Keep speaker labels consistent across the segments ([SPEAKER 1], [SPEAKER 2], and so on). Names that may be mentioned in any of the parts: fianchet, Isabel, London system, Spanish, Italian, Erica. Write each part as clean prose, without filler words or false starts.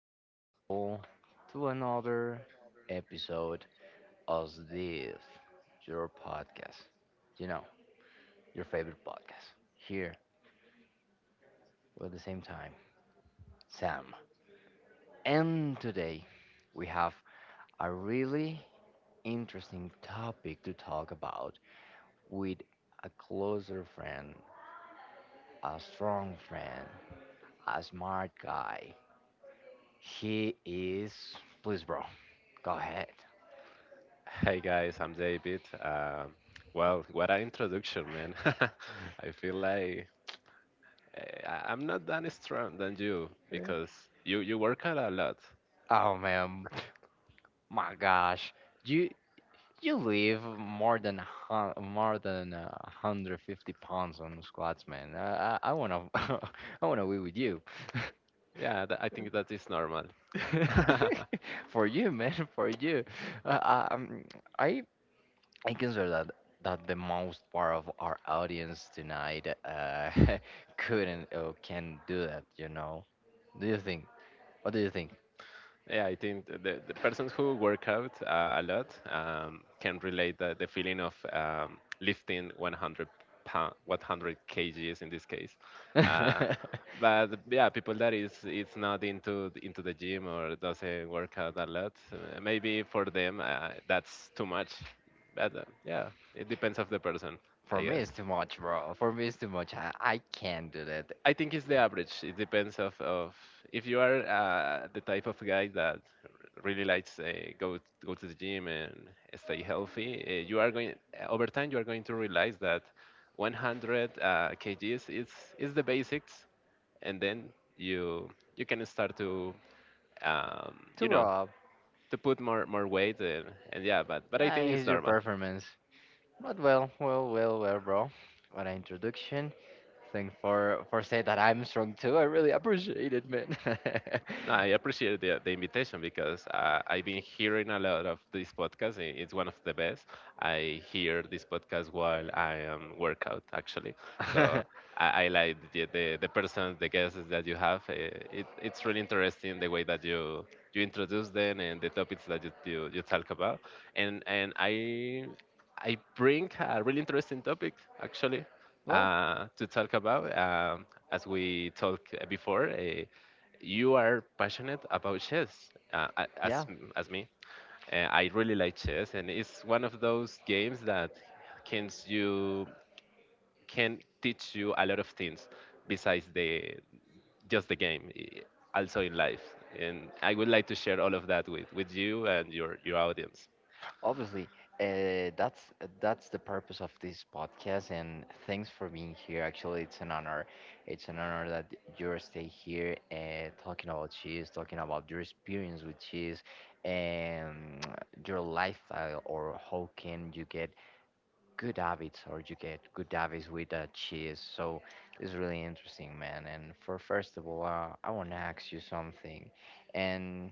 [SPEAKER 1] my people, to another episode of this, your podcast. You know, your favorite podcast. Here, we're at the same time, Sam. And today, we have a really interesting topic to talk about with a closer friend, a strong friend, a smart guy. He is. Please, bro, go ahead.
[SPEAKER 2] Hey guys, I'm David. Well, what an introduction, man. I feel like I'm not that strong than you
[SPEAKER 1] Yeah.
[SPEAKER 2] because you work out a lot.
[SPEAKER 1] Oh man, my gosh, you you live more than a more than 150 pounds on squats, man. I wanna I wanna be with you.
[SPEAKER 2] Yeah, I think that is normal.
[SPEAKER 1] For you, man, for you. Uh, um, I I consider that the most part of our audience tonight couldn't or can do that. You know? Do you think? What do you think?
[SPEAKER 2] Yeah, I think the persons who work out a lot can relate the feeling of lifting 100 pound, 100 kgs in this case. Uh, but yeah, people that is it's not into into the gym or doesn't work out a lot, maybe for them that's too much. But yeah, it depends of the person,
[SPEAKER 1] For
[SPEAKER 2] I
[SPEAKER 1] me,
[SPEAKER 2] guess.
[SPEAKER 1] it's too much, bro. For me, it's too much. I can't do that.
[SPEAKER 2] I think it's the average. It depends of if you are the type of guy that really likes go go to the gym and stay healthy. You are going over time. You are going to realize that 100 kgs is the basics, and then you you can start to um,
[SPEAKER 1] To
[SPEAKER 2] you
[SPEAKER 1] grow
[SPEAKER 2] know
[SPEAKER 1] up,
[SPEAKER 2] to put more weight and yeah. But I
[SPEAKER 1] yeah,
[SPEAKER 2] think it's
[SPEAKER 1] here's your
[SPEAKER 2] normal.
[SPEAKER 1] performance. But well, bro. What an introduction. Thanks for saying that I'm strong too. I really appreciate it, man.
[SPEAKER 2] No, I appreciate the invitation because I've been hearing a lot of this podcast. It's one of the best. I hear this podcast while I am workout actually. So I like the person, the guests that you have. It's really interesting the way that you introduce them and the topics that you talk about. And I bring a really interesting topic actually
[SPEAKER 1] Well,
[SPEAKER 2] to talk about. As we talked before. You are passionate about chess,
[SPEAKER 1] yeah.
[SPEAKER 2] as me. I really like chess, and it's one of those games that can you can teach you a lot of things besides the just the game, also in life. And I would like to share all of that with you and your audience.
[SPEAKER 1] Obviously, uh, that's that's the purpose of this podcast, and thanks for being here. Actually, it's an honor. It's an honor that you stay here talking about cheese, talking about your experience with cheese, and your lifestyle, or how can you get good habits, or you get good habits with cheese. So it's really interesting, man. And for first of all, I want to ask you something, and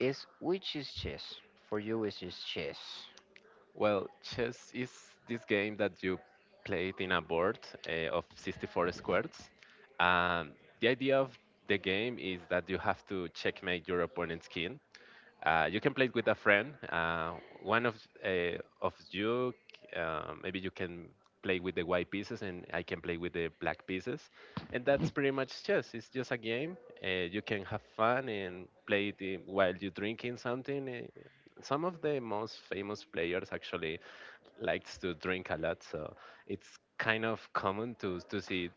[SPEAKER 1] is which is cheese for you? Is cheese?
[SPEAKER 2] Well, chess is this game that you play it in a board of 64 squares. Um, the idea of the game is that you have to checkmate your opponent's king. You can play it with a friend. One of you, maybe you can play with the white pieces, and I can play with the black pieces, and that's pretty much chess. It's just a game. You can have fun and play it while you're drinking something. Uh, some of the most famous players actually likes to drink a lot, so it's kind of common to see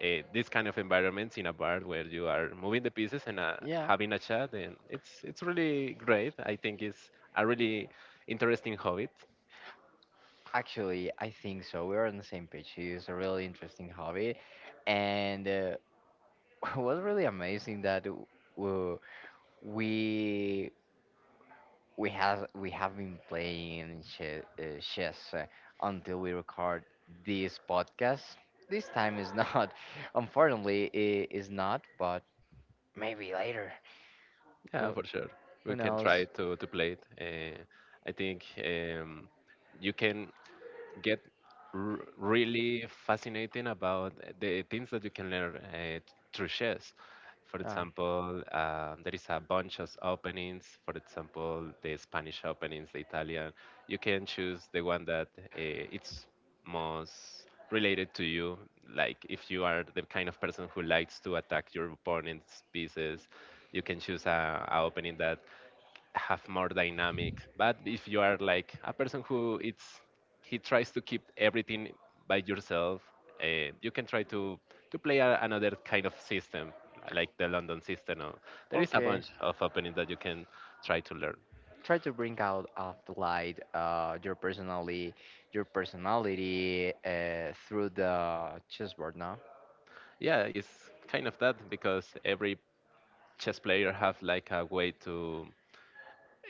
[SPEAKER 2] this kind of environments in a bar where you are moving the pieces and
[SPEAKER 1] Yeah.
[SPEAKER 2] having a chat, and it's really great. I think it's a really interesting hobby.
[SPEAKER 1] Actually, I think so. We're on the same page. It's a really interesting hobby, and was really amazing that w- we we have we have been playing chess until we record this podcast. This time is not, unfortunately, I is not. But maybe later.
[SPEAKER 2] Yeah,
[SPEAKER 1] Who
[SPEAKER 2] for sure, we
[SPEAKER 1] who
[SPEAKER 2] can try
[SPEAKER 1] knows?
[SPEAKER 2] to play it. I think you can get really fascinating about the things that you can learn through chess. For
[SPEAKER 1] Ah,
[SPEAKER 2] example, there is a bunch of openings. For example, the Spanish openings, the Italian. You can choose the one that it's most related to you. Like if you are the kind of person who likes to attack your opponent's pieces, you can choose a opening that have more dynamic. But if you are like a person who it's he tries to keep everything by yourself, you can try to play another kind of system like the London system. Or, there is a
[SPEAKER 1] okay.
[SPEAKER 2] bunch of openings that you can try to learn.
[SPEAKER 1] Try to bring out of the light your personality through the chessboard. No,
[SPEAKER 2] Yeah, it's kind of that because every chess player have like a way to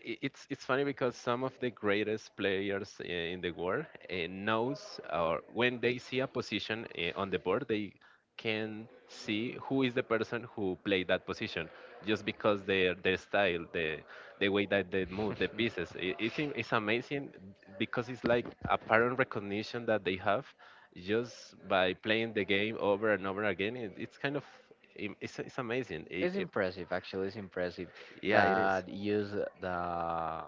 [SPEAKER 2] it's funny because some of the greatest players in the world knows or when they see a position on the board they can see who is the person who played that position just because their style the way that they move the pieces. It's amazing because it's like a pattern recognition that they have just by playing the game over and over again. It's kind of it's amazing.
[SPEAKER 1] it's impressive. Actually, it's impressive
[SPEAKER 2] Yeah, it is.
[SPEAKER 1] that use the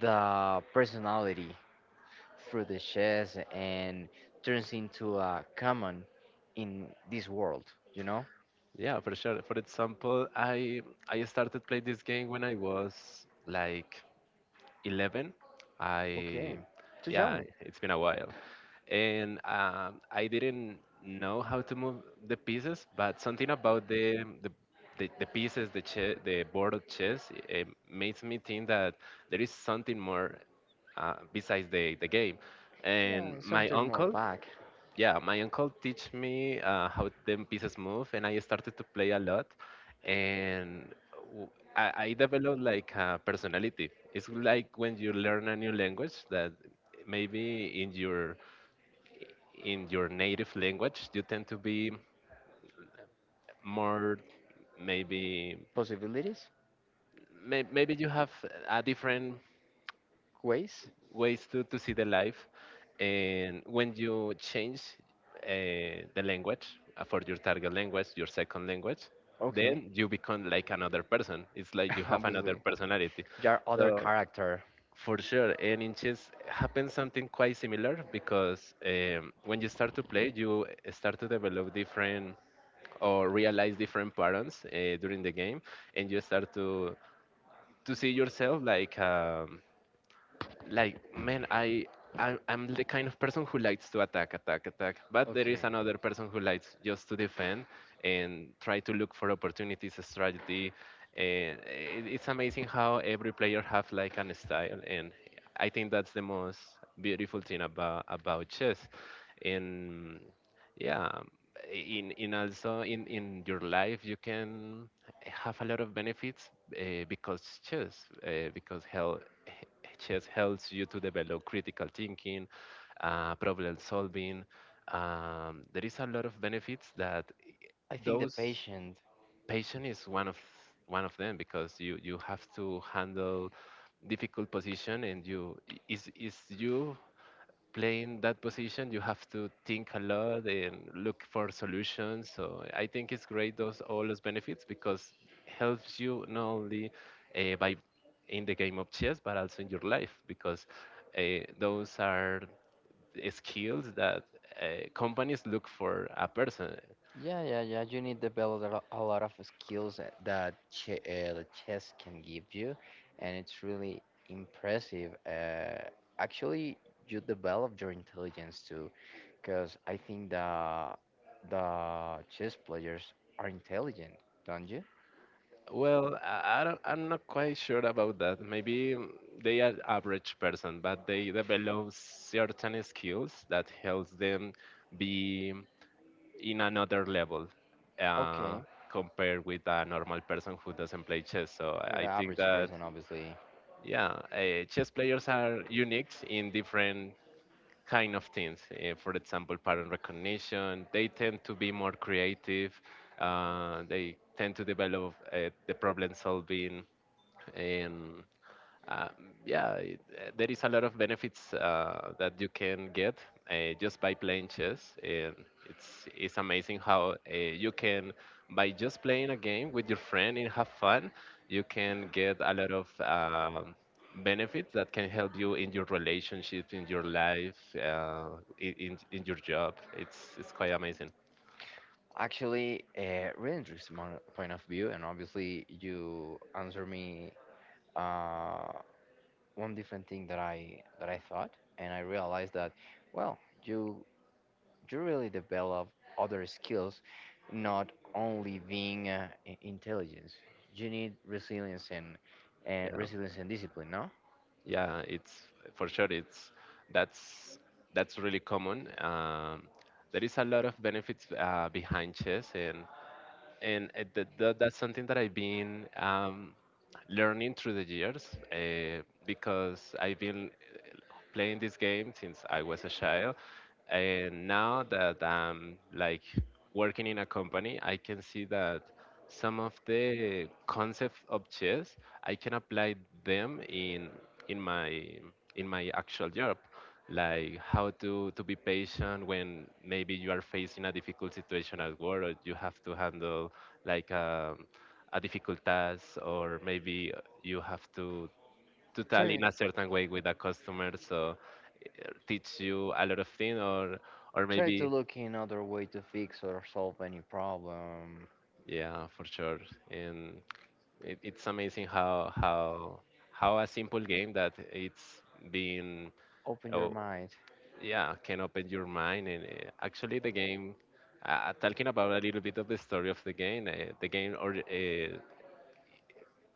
[SPEAKER 1] personality through the chess and turns into a common in this world. You know.
[SPEAKER 2] Yeah, for sure. For example, I started playing this game when I was like 11. I
[SPEAKER 1] Okay. Too
[SPEAKER 2] Yeah,
[SPEAKER 1] young.
[SPEAKER 2] it's been a while, and I didn't know how to move the pieces, but something about the pieces, the board of chess, it makes me think that there is something more besides the game. And
[SPEAKER 1] Yeah,
[SPEAKER 2] my
[SPEAKER 1] something more
[SPEAKER 2] uncle,
[SPEAKER 1] vague.
[SPEAKER 2] yeah, my uncle teach me how them pieces move, and I started to play a lot, and w- I developed like a personality. It's like when you learn a new language that maybe in your native language you tend to be more maybe
[SPEAKER 1] Possibilities?
[SPEAKER 2] maybe you have a different
[SPEAKER 1] Ways?
[SPEAKER 2] ways to see the life. And when you change uh, the language for your target language, your second language,
[SPEAKER 1] Okay.
[SPEAKER 2] then you become like another person. It's like you have another
[SPEAKER 1] Obviously.
[SPEAKER 2] personality.
[SPEAKER 1] Your other
[SPEAKER 2] So
[SPEAKER 1] character.
[SPEAKER 2] for sure, and in chess happens something quite similar because when you start to play, you start to develop different or realize different patterns during the game, and you start to see yourself like. Like man I'm the kind of person who likes to attack, but there
[SPEAKER 1] Okay.
[SPEAKER 2] is another person who likes just to defend and try to look for opportunities, strategy. And it's amazing how every player have like an style. And I think that's the most beautiful thing about chess. And yeah, in also in your life you can have a lot of benefits because chess because health h- chess helps you to develop critical thinking, problem solving. There is a lot of benefits that
[SPEAKER 1] I think the
[SPEAKER 2] those
[SPEAKER 1] patient.
[SPEAKER 2] patient is one of them because you have to handle difficult position, and you is you playing that position, you have to think a lot and look for solutions. So I think it's great those all those benefits because helps you not only by in the game of chess but also in your life because those are skills that companies look for a person.
[SPEAKER 1] Yeah, you need to develop a a lot of skills that that ch the chess can give you, and it's really impressive. Actually, you develop your intelligence too. Because I think the chess players are intelligent, don't you?
[SPEAKER 2] Well, I don't, I'm not quite sure about that. Maybe they are average person, but they develop certain skills that helps them be in another level uh,
[SPEAKER 1] Okay,
[SPEAKER 2] compared with a normal person who doesn't play chess. So
[SPEAKER 1] with
[SPEAKER 2] I
[SPEAKER 1] an
[SPEAKER 2] think
[SPEAKER 1] average
[SPEAKER 2] that
[SPEAKER 1] person, obviously.
[SPEAKER 2] yeah, chess players are unique in different kind of things. For example, pattern recognition. They tend to be more creative. They tend to develop the problem solving. And. Uh, yeah, there is a lot of benefits that you can get just by playing chess, and it's amazing how you can by just playing a game with your friend and have fun, you can get a lot of benefits that can help you in your relationship, in your life, in in your job. It's quite amazing.
[SPEAKER 1] Actually, really interesting point of view, and obviously you answer me uh, one different thing that I thought, and I realized that, well, you really develop other skills, not only being intelligence. You need resilience and
[SPEAKER 2] Yeah.
[SPEAKER 1] discipline. No,
[SPEAKER 2] Yeah, it's for sure. It's that's that's really common. There is a lot of benefits behind chess, and that's something that I've been learning through the years because I've been playing this game since I was a child, and now that I'm like working in a company, I can see that some of the concepts of chess I can apply them in in my in my actual job like how to be patient when maybe you are facing a difficult situation at work, or you have to handle like a difficult task, or maybe you have to tell
[SPEAKER 1] try
[SPEAKER 2] in a certain way with a customer. So teach you a lot of things, or
[SPEAKER 1] try to
[SPEAKER 2] maybe
[SPEAKER 1] look in other way to fix or solve any problem.
[SPEAKER 2] yeah, for sure. And it's amazing how a simple game that it's been
[SPEAKER 1] Open
[SPEAKER 2] uh,
[SPEAKER 1] your mind.
[SPEAKER 2] yeah can open your mind. And actually the game, talking about a little bit of the story of the game, the game or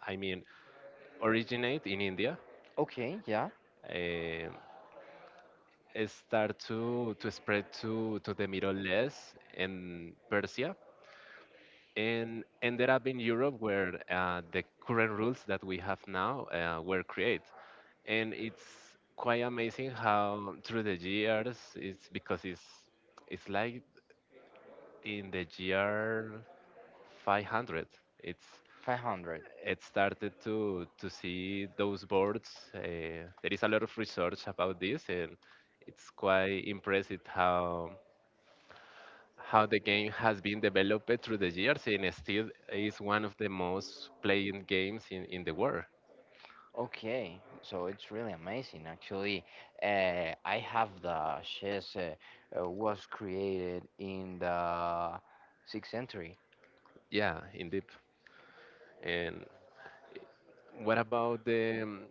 [SPEAKER 2] I mean originate in India.
[SPEAKER 1] Okay, yeah,
[SPEAKER 2] Um, it start to spread to the Middle East and Persia, and ended up in Europe where the current rules that we have now were created. And it's quite amazing how through the years, it's because it's like in the year 500. It's
[SPEAKER 1] 500.
[SPEAKER 2] it started to see those boards. There is a lot of research about this, and it's quite impressive how the game has been developed through the years, and still is one of the most played games in the world.
[SPEAKER 1] Okay, so it's really amazing actually. I have the chess was created in the 6th century.
[SPEAKER 2] Yeah, indeed. And what about the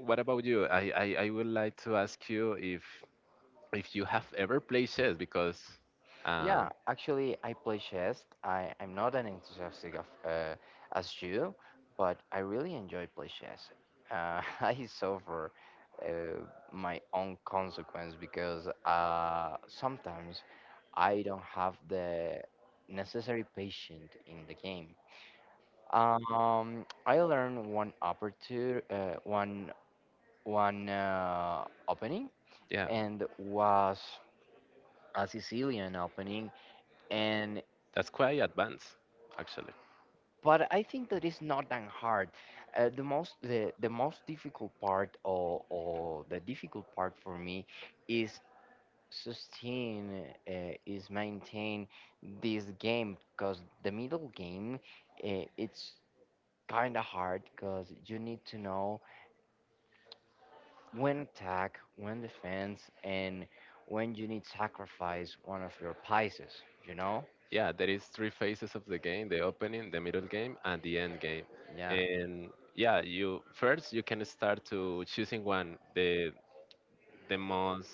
[SPEAKER 2] what about you? I would like to ask you if you have ever played chess because uh,
[SPEAKER 1] Yeah, actually, I play chess. I'm not an enthusiastic of as you, but I really enjoy play chess. I suffer uh, my own consequence because sometimes I don't have the necessary patience in the game. I learned one aperture, one one opening,
[SPEAKER 2] yeah.
[SPEAKER 1] and was a Sicilian opening, and
[SPEAKER 2] That's quite advanced, actually.
[SPEAKER 1] but I think that it's not that hard. The most difficult part or the difficult part for me is sustain is maintain this game because the middle game it's kind of hard because you need to know when attack, when defense, and when you need sacrifice one of your pieces. You know,
[SPEAKER 2] Yeah, there is three phases of the game: the opening, the middle game, and the end game.
[SPEAKER 1] yeah,
[SPEAKER 2] And yeah, you first you can start to choosing one the most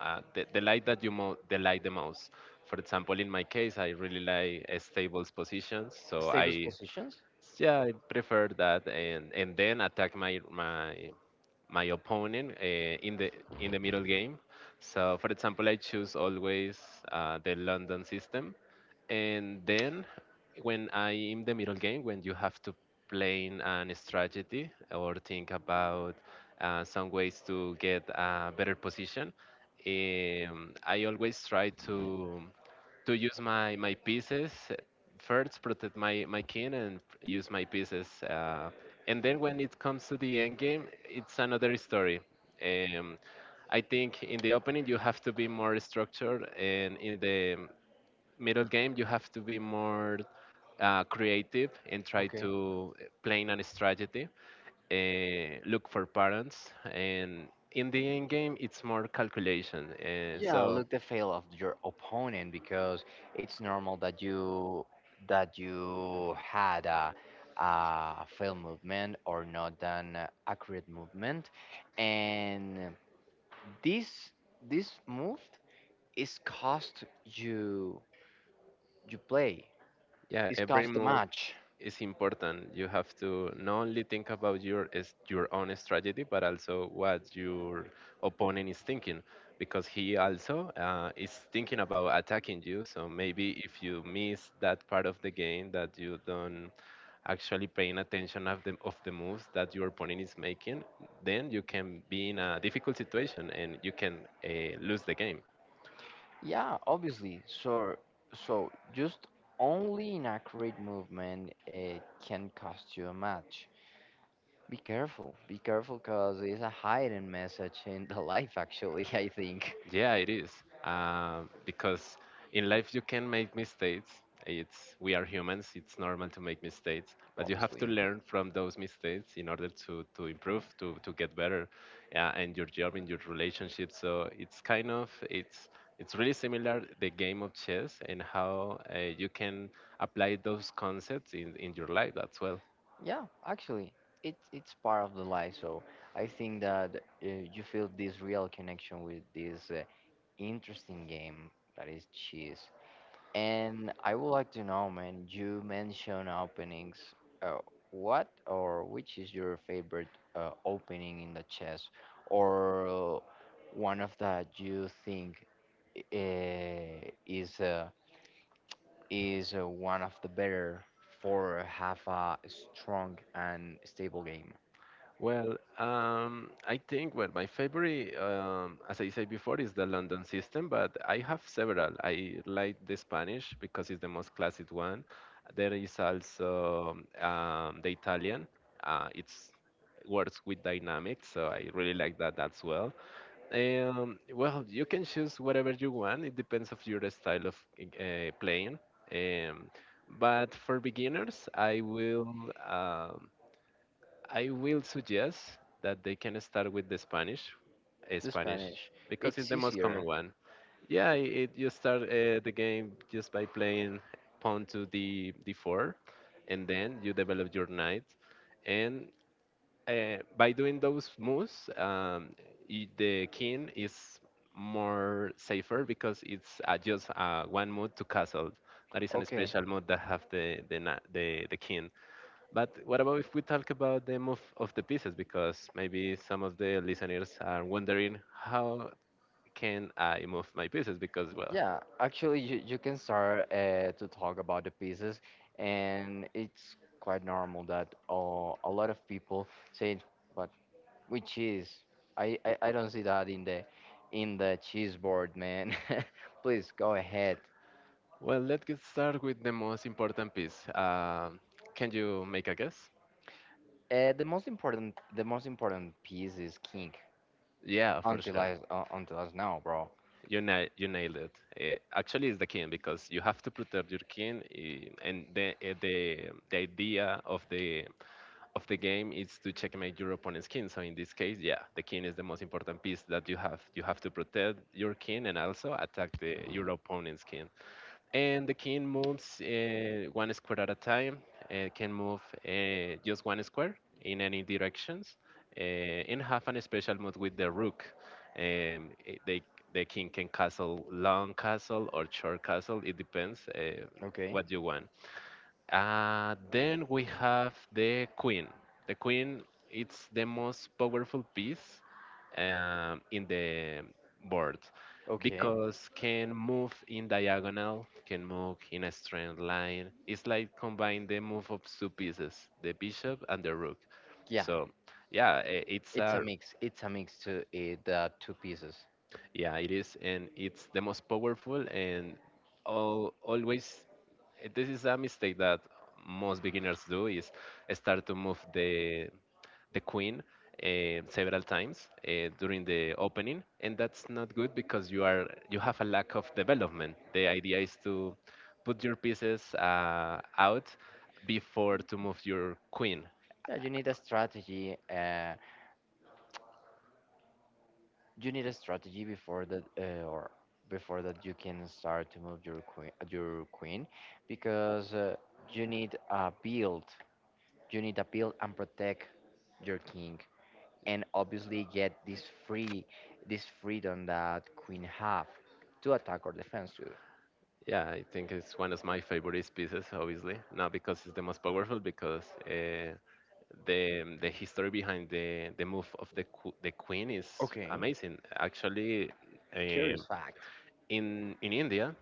[SPEAKER 2] the light that you mo- the light the most. For example, in my case, I really like stables positions, so
[SPEAKER 1] stable
[SPEAKER 2] I.
[SPEAKER 1] positions.
[SPEAKER 2] Yeah, I prefer that, and then attack my my opponent in the middle game. So, for example, I choose always the London system, and then when I in the middle game, when you have to plan an strategy or think about some ways to get a better position, I always try to use my pieces first protect my king and use my pieces and then when it comes to the end game it's another story. um, I think in the opening you have to be more structured, and in the middle game you have to be more creative and try to plan a strategy, look for patterns, and in the end game it's more calculation. Yeah,
[SPEAKER 1] Yeah,
[SPEAKER 2] so.
[SPEAKER 1] look the fail of your opponent because it's normal that you had a fail movement or not an accurate movement, and this this move is cost you you play.
[SPEAKER 2] Yeah,
[SPEAKER 1] It's
[SPEAKER 2] every
[SPEAKER 1] cost the
[SPEAKER 2] move
[SPEAKER 1] match.
[SPEAKER 2] is important. You have to not only think about your own strategy, but also what your opponent is thinking, because he also is thinking about attacking you. So maybe if you miss that part of the game, that you don't actually paying attention of the moves that your opponent is making, then you can be in a difficult situation and you can lose the game.
[SPEAKER 1] Yeah, obviously. So just only inaccurate movement it can cost you a match. Be careful. Be careful because it's a hidden message in the life, actually, I think.
[SPEAKER 2] Yeah, it is. Because in life you can make mistakes. It's we are humans. It's normal to make mistakes, but you have to
[SPEAKER 1] Obviously.
[SPEAKER 2] learn from those mistakes in order to improve, to get better, yeah, and your job, in your relationship. So it's kind of, it's really similar the game of chess and how you can apply those concepts in your life as well.
[SPEAKER 1] Yeah, actually, it's part of the life. So I think that you feel this real connection with this interesting game that is chess. And I would like to know, man, you mentioned openings. Uh, what or which is your favorite opening in the chess, or one of that you think is one of the better for have a strong and stable game.
[SPEAKER 2] Well, I think, well, my favorite, as I said before, is the London system, but I have several. I like the Spanish because it's the most classic one. There is also the Italian. It's works with dynamics, so I really like that as well. Well, you can choose whatever you want. It depends of your style of playing. Um, but for beginners, I will. um I will suggest that they can start with the Spanish,
[SPEAKER 1] The
[SPEAKER 2] Spanish,
[SPEAKER 1] Spanish,
[SPEAKER 2] because it's
[SPEAKER 1] it's
[SPEAKER 2] the most common
[SPEAKER 1] easier.
[SPEAKER 2] one. Yeah, it, you start the game just by playing pawn to d d4, and then you develop your knight, and by doing those moves, the king is more safer because it's just one move to castle. That is a
[SPEAKER 1] Okay,
[SPEAKER 2] special move that have the the king. But what about if we talk about the move of the pieces? Because maybe some of the listeners are wondering how can I move my pieces? Because well,
[SPEAKER 1] yeah, actually, you can start to talk about the pieces, and it's quite normal that a lot of people say, "But with cheese, I don't see that in the cheese board, man." Please go ahead.
[SPEAKER 2] well, let's get start with the most important piece. Can you make a guess?
[SPEAKER 1] The most important piece is King.
[SPEAKER 2] Yeah, for sure.
[SPEAKER 1] Until as now, bro.
[SPEAKER 2] You nailed it. Eh, actually, it's the king because you have to protect your king, eh, and the the idea of the game is to checkmate your opponent's king. So in this case, yeah, the king is the most important piece that you have. You have to protect your king and also attack the your opponent's king. And the king moves one square at a time. Can move just one square in any directions, uh, and have an special move with the rook. Um, i- they the king can castle long castle or short castle. It depends
[SPEAKER 1] Okay.
[SPEAKER 2] what you want. Then we have the Queen. The Queen, it's the most powerful piece in the board
[SPEAKER 1] Okay.
[SPEAKER 2] because can move in diagonal, can move in a straight line. It's like combine the move of two pieces, the bishop and the rook.
[SPEAKER 1] Yeah,
[SPEAKER 2] So yeah, it's
[SPEAKER 1] it's a
[SPEAKER 2] a.
[SPEAKER 1] mix. It's a mix to the two pieces.
[SPEAKER 2] Yeah, it is, and it's the most powerful, and all, always this is a mistake that most beginners do is start to move the queen several times during the opening, and that's not good because you are you have a lack of development. The idea is to put your pieces out before to move your queen.
[SPEAKER 1] Yeah, you need a strategy. You need a strategy before that, or before that you can start to move your queen, because you need a build. You need a build and protect your king, and obviously get this free this freedom that queen have to attack or defense too.
[SPEAKER 2] Yeah, I think it's one of my favorite pieces, obviously. Not because it's the most powerful, because the history behind the move of the the queen is
[SPEAKER 1] Okay,
[SPEAKER 2] amazing. Actually,
[SPEAKER 1] curious
[SPEAKER 2] um
[SPEAKER 1] fact.
[SPEAKER 2] in India,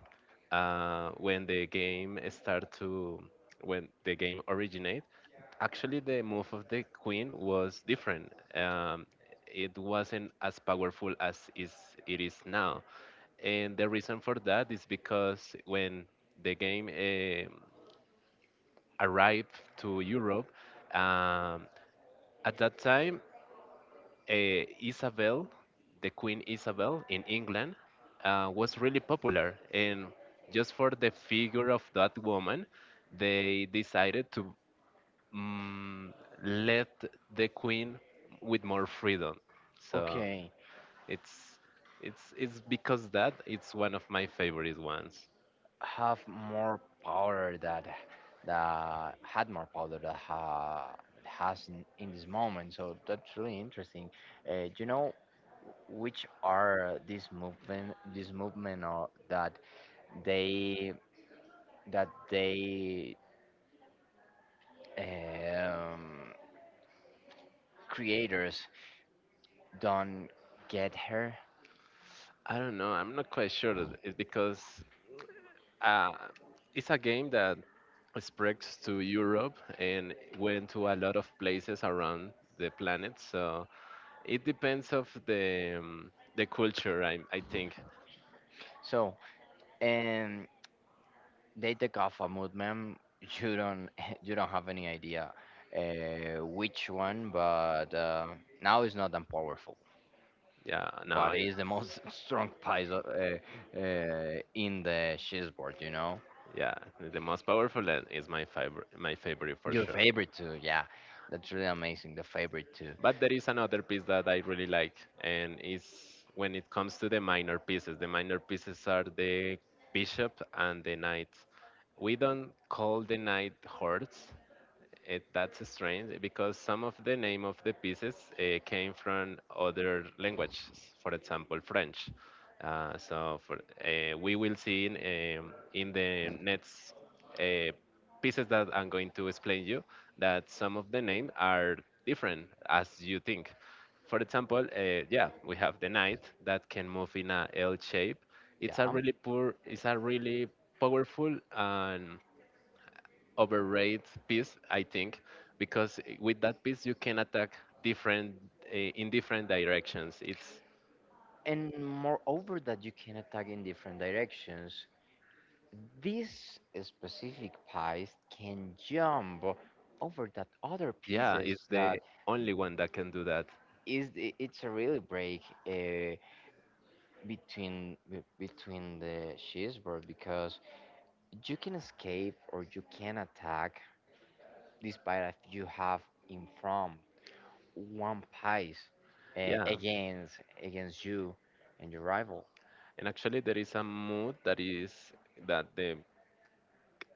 [SPEAKER 2] when the game start to when the game originate, actually the move of the queen was different. It wasn't as powerful as is it is now, and the reason for that is because when the game arrived to Europe, at that time uh, Isabel, the Queen Isabel in England, was really popular. And just for the figure of that woman, they decided to mm, let the Queen with more freedom. So
[SPEAKER 1] Okay,
[SPEAKER 2] it's it's because that it's one of my favorite ones.
[SPEAKER 1] have more power that that had more power that ha, that has in this moment. So that's really interesting. Do you know which are this movement or that they they um, creators don't get her.
[SPEAKER 2] I don't know. I'm not quite sure. that It's because uh, it's a game that spreads to Europe and went to a lot of places around the planet. So it depends of the culture. I think
[SPEAKER 1] So, and they take off a movement. You don't you don't have any idea which one, but now it's not that powerful.
[SPEAKER 2] yeah. No,
[SPEAKER 1] But
[SPEAKER 2] it,
[SPEAKER 1] it's the most strong pies in the chessboard. You know,
[SPEAKER 2] yeah, the most powerful and is my favorite. My favorite for
[SPEAKER 1] your
[SPEAKER 2] sure.
[SPEAKER 1] favorite too. Yeah, that's really amazing. The favorite too.
[SPEAKER 2] But there is another piece that I really like, and is when it comes to the minor pieces. The minor pieces are the bishop and the knight. We don't call the knight hordes. It, that's strange because some of the name of the pieces came from other languages, for example, French. Uh, so for, we will see in the next uh, pieces that I'm going to explain you that some of the name are different as you think. For example, yeah, we have the knight that can move in a L shape.
[SPEAKER 1] Yeah.
[SPEAKER 2] It's a really powerful and overrated piece, I think, because with that piece you can attack different in different directions. It's
[SPEAKER 1] And moreover, that you can attack in different directions. These specific piece can jump over that other
[SPEAKER 2] yeah, it's
[SPEAKER 1] pieces
[SPEAKER 2] the
[SPEAKER 1] that
[SPEAKER 2] only one that can do that.
[SPEAKER 1] is it's a really break uh, between between the cheeseburger because you can escape or you can attack despite if you have in front one piece
[SPEAKER 2] Yeah,
[SPEAKER 1] against you and your rival,
[SPEAKER 2] and actually there is a mood that is that the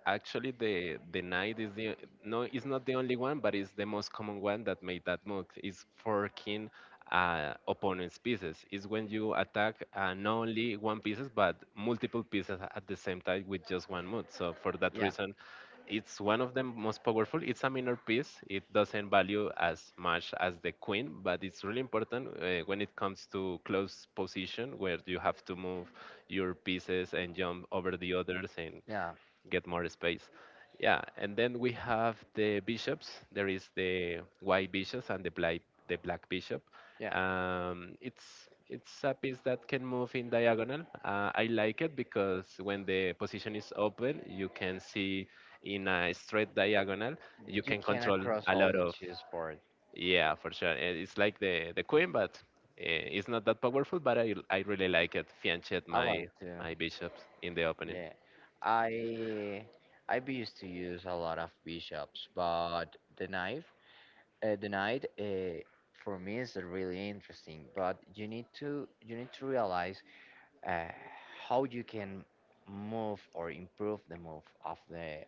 [SPEAKER 2] Actually, the knight is the no, it's not the only one, but it's the most common one that made that move. It's forking opponent's pieces. It's when you attack not only one pieces but multiple pieces at the same time with just one move. So for that
[SPEAKER 1] yeah
[SPEAKER 2] reason, it's one of the most powerful. It's a minor piece. It doesn't value as much as the queen, but it's really important when it comes to close position where you have to move your pieces and jump over the others and
[SPEAKER 1] yeah
[SPEAKER 2] get more space. Yeah, and then we have the bishops. There is the white bishops and the black bishop.
[SPEAKER 1] yeah,
[SPEAKER 2] It's a piece that can move in diagonal. I like it because when the position is open, you can see in a straight diagonal. You
[SPEAKER 1] you
[SPEAKER 2] can
[SPEAKER 1] cannot
[SPEAKER 2] control
[SPEAKER 1] cross
[SPEAKER 2] a
[SPEAKER 1] all
[SPEAKER 2] lot
[SPEAKER 1] the
[SPEAKER 2] of.
[SPEAKER 1] cheeseburger.
[SPEAKER 2] Yeah, for sure. It's like the queen, but it's not that powerful. But I really like it. Fianchet
[SPEAKER 1] I want
[SPEAKER 2] my
[SPEAKER 1] to.
[SPEAKER 2] my bishops in the opening.
[SPEAKER 1] Yeah, I I be used to use a lot of bishops, but the knife, the knight, for me is really interesting. But you need to realize uh, how you can move or improve the move of the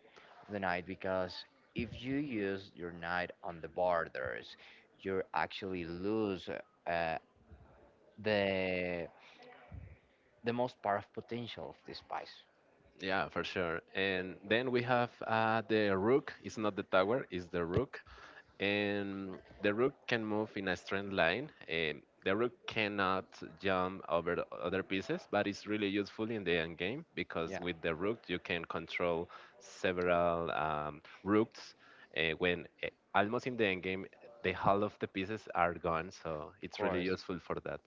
[SPEAKER 1] knight because if you use your knight on the borders, you're actually lose uh, the the most part of potential of this spice.
[SPEAKER 2] Yeah, for sure. And then we have the rook. It's not the tower, it's the rook. And the rook can move in a straight line. The rook cannot jump over the other pieces, but it's really useful in the end game
[SPEAKER 1] Yeah,
[SPEAKER 2] because with the
[SPEAKER 1] of
[SPEAKER 2] rook you can control several rooks. When Almost in the end game, the whole of the pieces are gone, so it's really
[SPEAKER 1] course.
[SPEAKER 2] useful for that.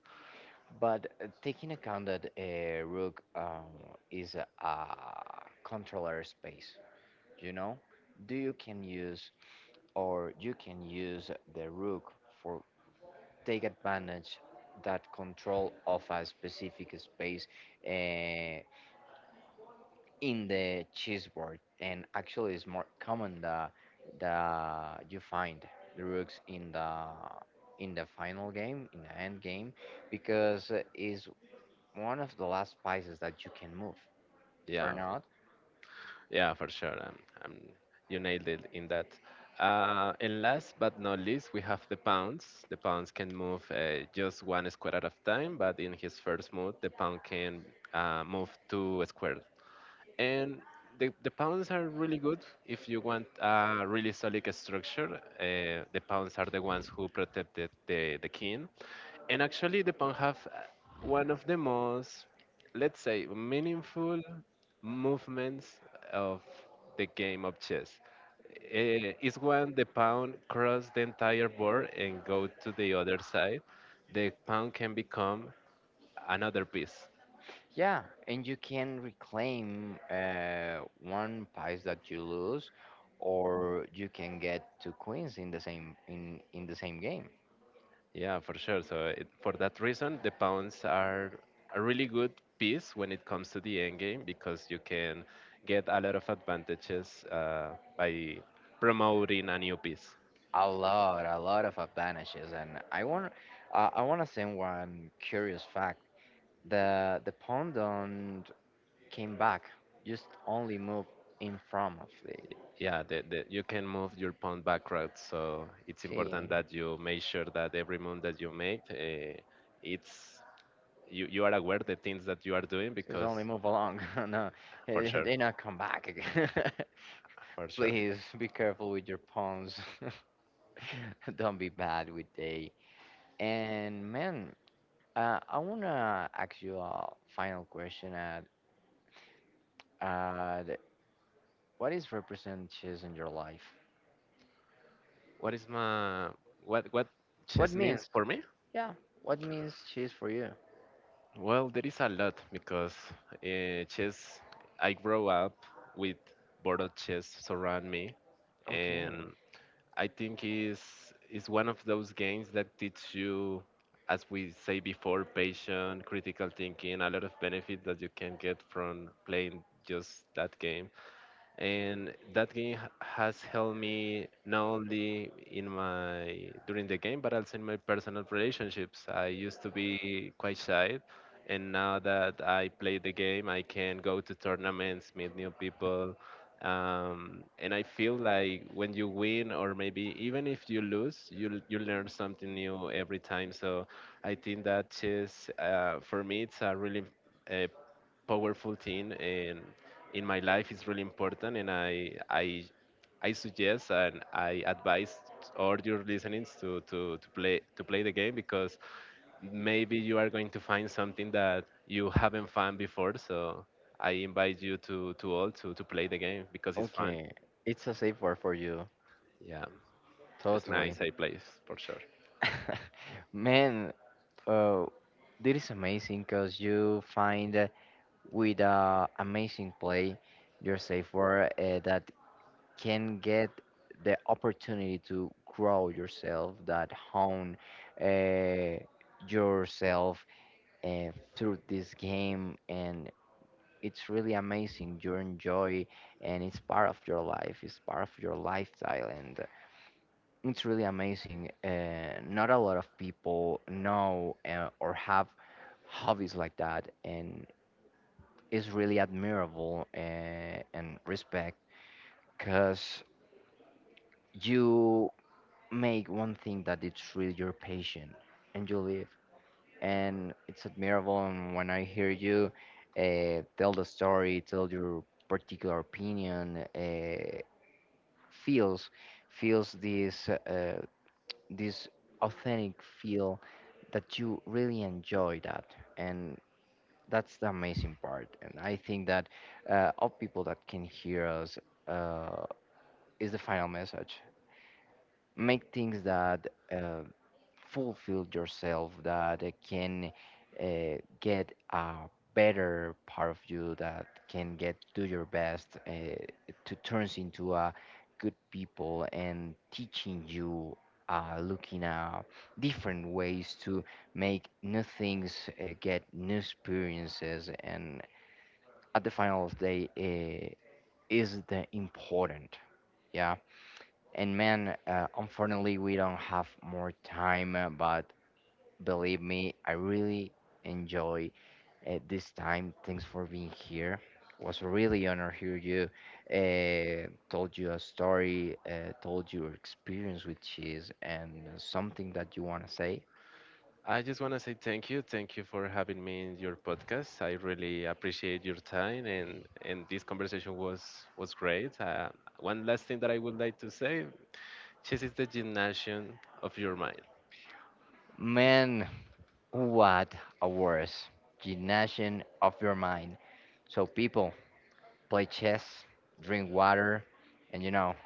[SPEAKER 1] But taking account that Rook is a controller space, you know, do you can use or you can use the Rook for take advantage that control of a specific space. Uh, in the cheese board, and actually, it's more common that you find the rooks in the final game, in the end game, because it's one of the last pieces that you can move or
[SPEAKER 2] Yeah.
[SPEAKER 1] not.
[SPEAKER 2] Yeah, for sure. Um, you nailed it in that. And last but not least, we have the pawns. The pawns can move just one square at a time, but in his first move, the pawn can move two squares, and the pounds are really good if you want a really solid structure. The pounds are the ones who protected the king. And actually, the pound have one of the most, let's say, meaningful movements of the game of chess. It's when the pound cross the entire board and go to the other side. The pound can become another piece.
[SPEAKER 1] Yeah, and you can reclaim one piece that you lose, or you can get two queens in the same game.
[SPEAKER 2] Yeah, for sure. So it, for that reason, the pawns are a really good piece when it comes to the endgame because you can get a lot of advantages by promoting a new piece.
[SPEAKER 1] A lot of advantages, and I want to say one curious fact. The pendant came back, just only moved in front of the.
[SPEAKER 2] Yeah, you can move your pawn backwards, so it's
[SPEAKER 1] She
[SPEAKER 2] important that you make sure that every move that you make, it's you, you are aware the things that you are doing
[SPEAKER 1] just
[SPEAKER 2] because,
[SPEAKER 1] only move along. No,
[SPEAKER 2] for
[SPEAKER 1] eh,
[SPEAKER 2] sure,
[SPEAKER 1] they not come back again.
[SPEAKER 2] for sure.
[SPEAKER 1] Please be careful with your pawns. Don't be bad with they. And man, I wanna ask you a final question. At uh, what is represent cheese in your life?
[SPEAKER 2] What is my what
[SPEAKER 1] What
[SPEAKER 2] chess means
[SPEAKER 1] means?
[SPEAKER 2] for me?
[SPEAKER 1] Yeah, what means cheese for you?
[SPEAKER 2] Well, there is a lot because chess. I grow up with board of chess surround me,
[SPEAKER 1] Okay,
[SPEAKER 2] and I think is one of those games that teach you, as we say before, patience, critical thinking, a lot of benefit that you can get from playing just that game, and that game has helped me not only in my during the game but also in my personal relationships. I used to be quite shy, and now that I play the game I can go to tournaments, meet new people. And I feel like when you win or maybe even if you lose you learn something new every time. So I think that chess for me it's a really uh, powerful thing, and in my life is really important, and I I suggest and I advise all your listenings to play the game because maybe you are going to find something that you haven't found before. So I invite you to all to play the game because it's fun.
[SPEAKER 1] okay, it's a safe word for you.
[SPEAKER 2] Yeah, it's
[SPEAKER 1] Totally.
[SPEAKER 2] nice I place for sure.
[SPEAKER 1] Man, uh, this is amazing because you find with amazing play your safe word that can get the opportunity to grow yourself, that hone uh, yourself uh, through this game. And it's really amazing. You enjoy, and it's part of your life, it's part of your lifestyle. And it's really amazing. Not a lot of people know or have hobbies like that, and it's really admirable and respect because you make one thing that it's really your passion and you live, and it's admirable. And when I hear you tell the story, tell your particular opinion, feels feels this. This authentic feel that you really enjoy that and that's the amazing part, and I think that all people that can hear us uh, is the final message, make things that fulfill yourself, that can get a better part of you, that can get do your best to turns into a good people and teaching you looking at different ways to make new things, get new experiences, and at the final of the day uh, is the important. Yeah, and man, unfortunately, we don't have more time, but believe me, I really enjoy this time. Thanks for being here. Was really honor to hear you. Told you a story, told your experience with cheese, and something that you want to say.
[SPEAKER 2] I just want to say thank you. Thank you for having me in your podcast. I really appreciate your time, and this conversation was great. One last thing that I would like to say: chess is the gymnasium of your mind.
[SPEAKER 1] Man, what a worse gymnasium of your mind. So people, play chess, drink water, and you know.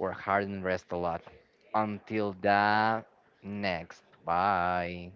[SPEAKER 1] Work hard and rest a lot. Until the next. Bye.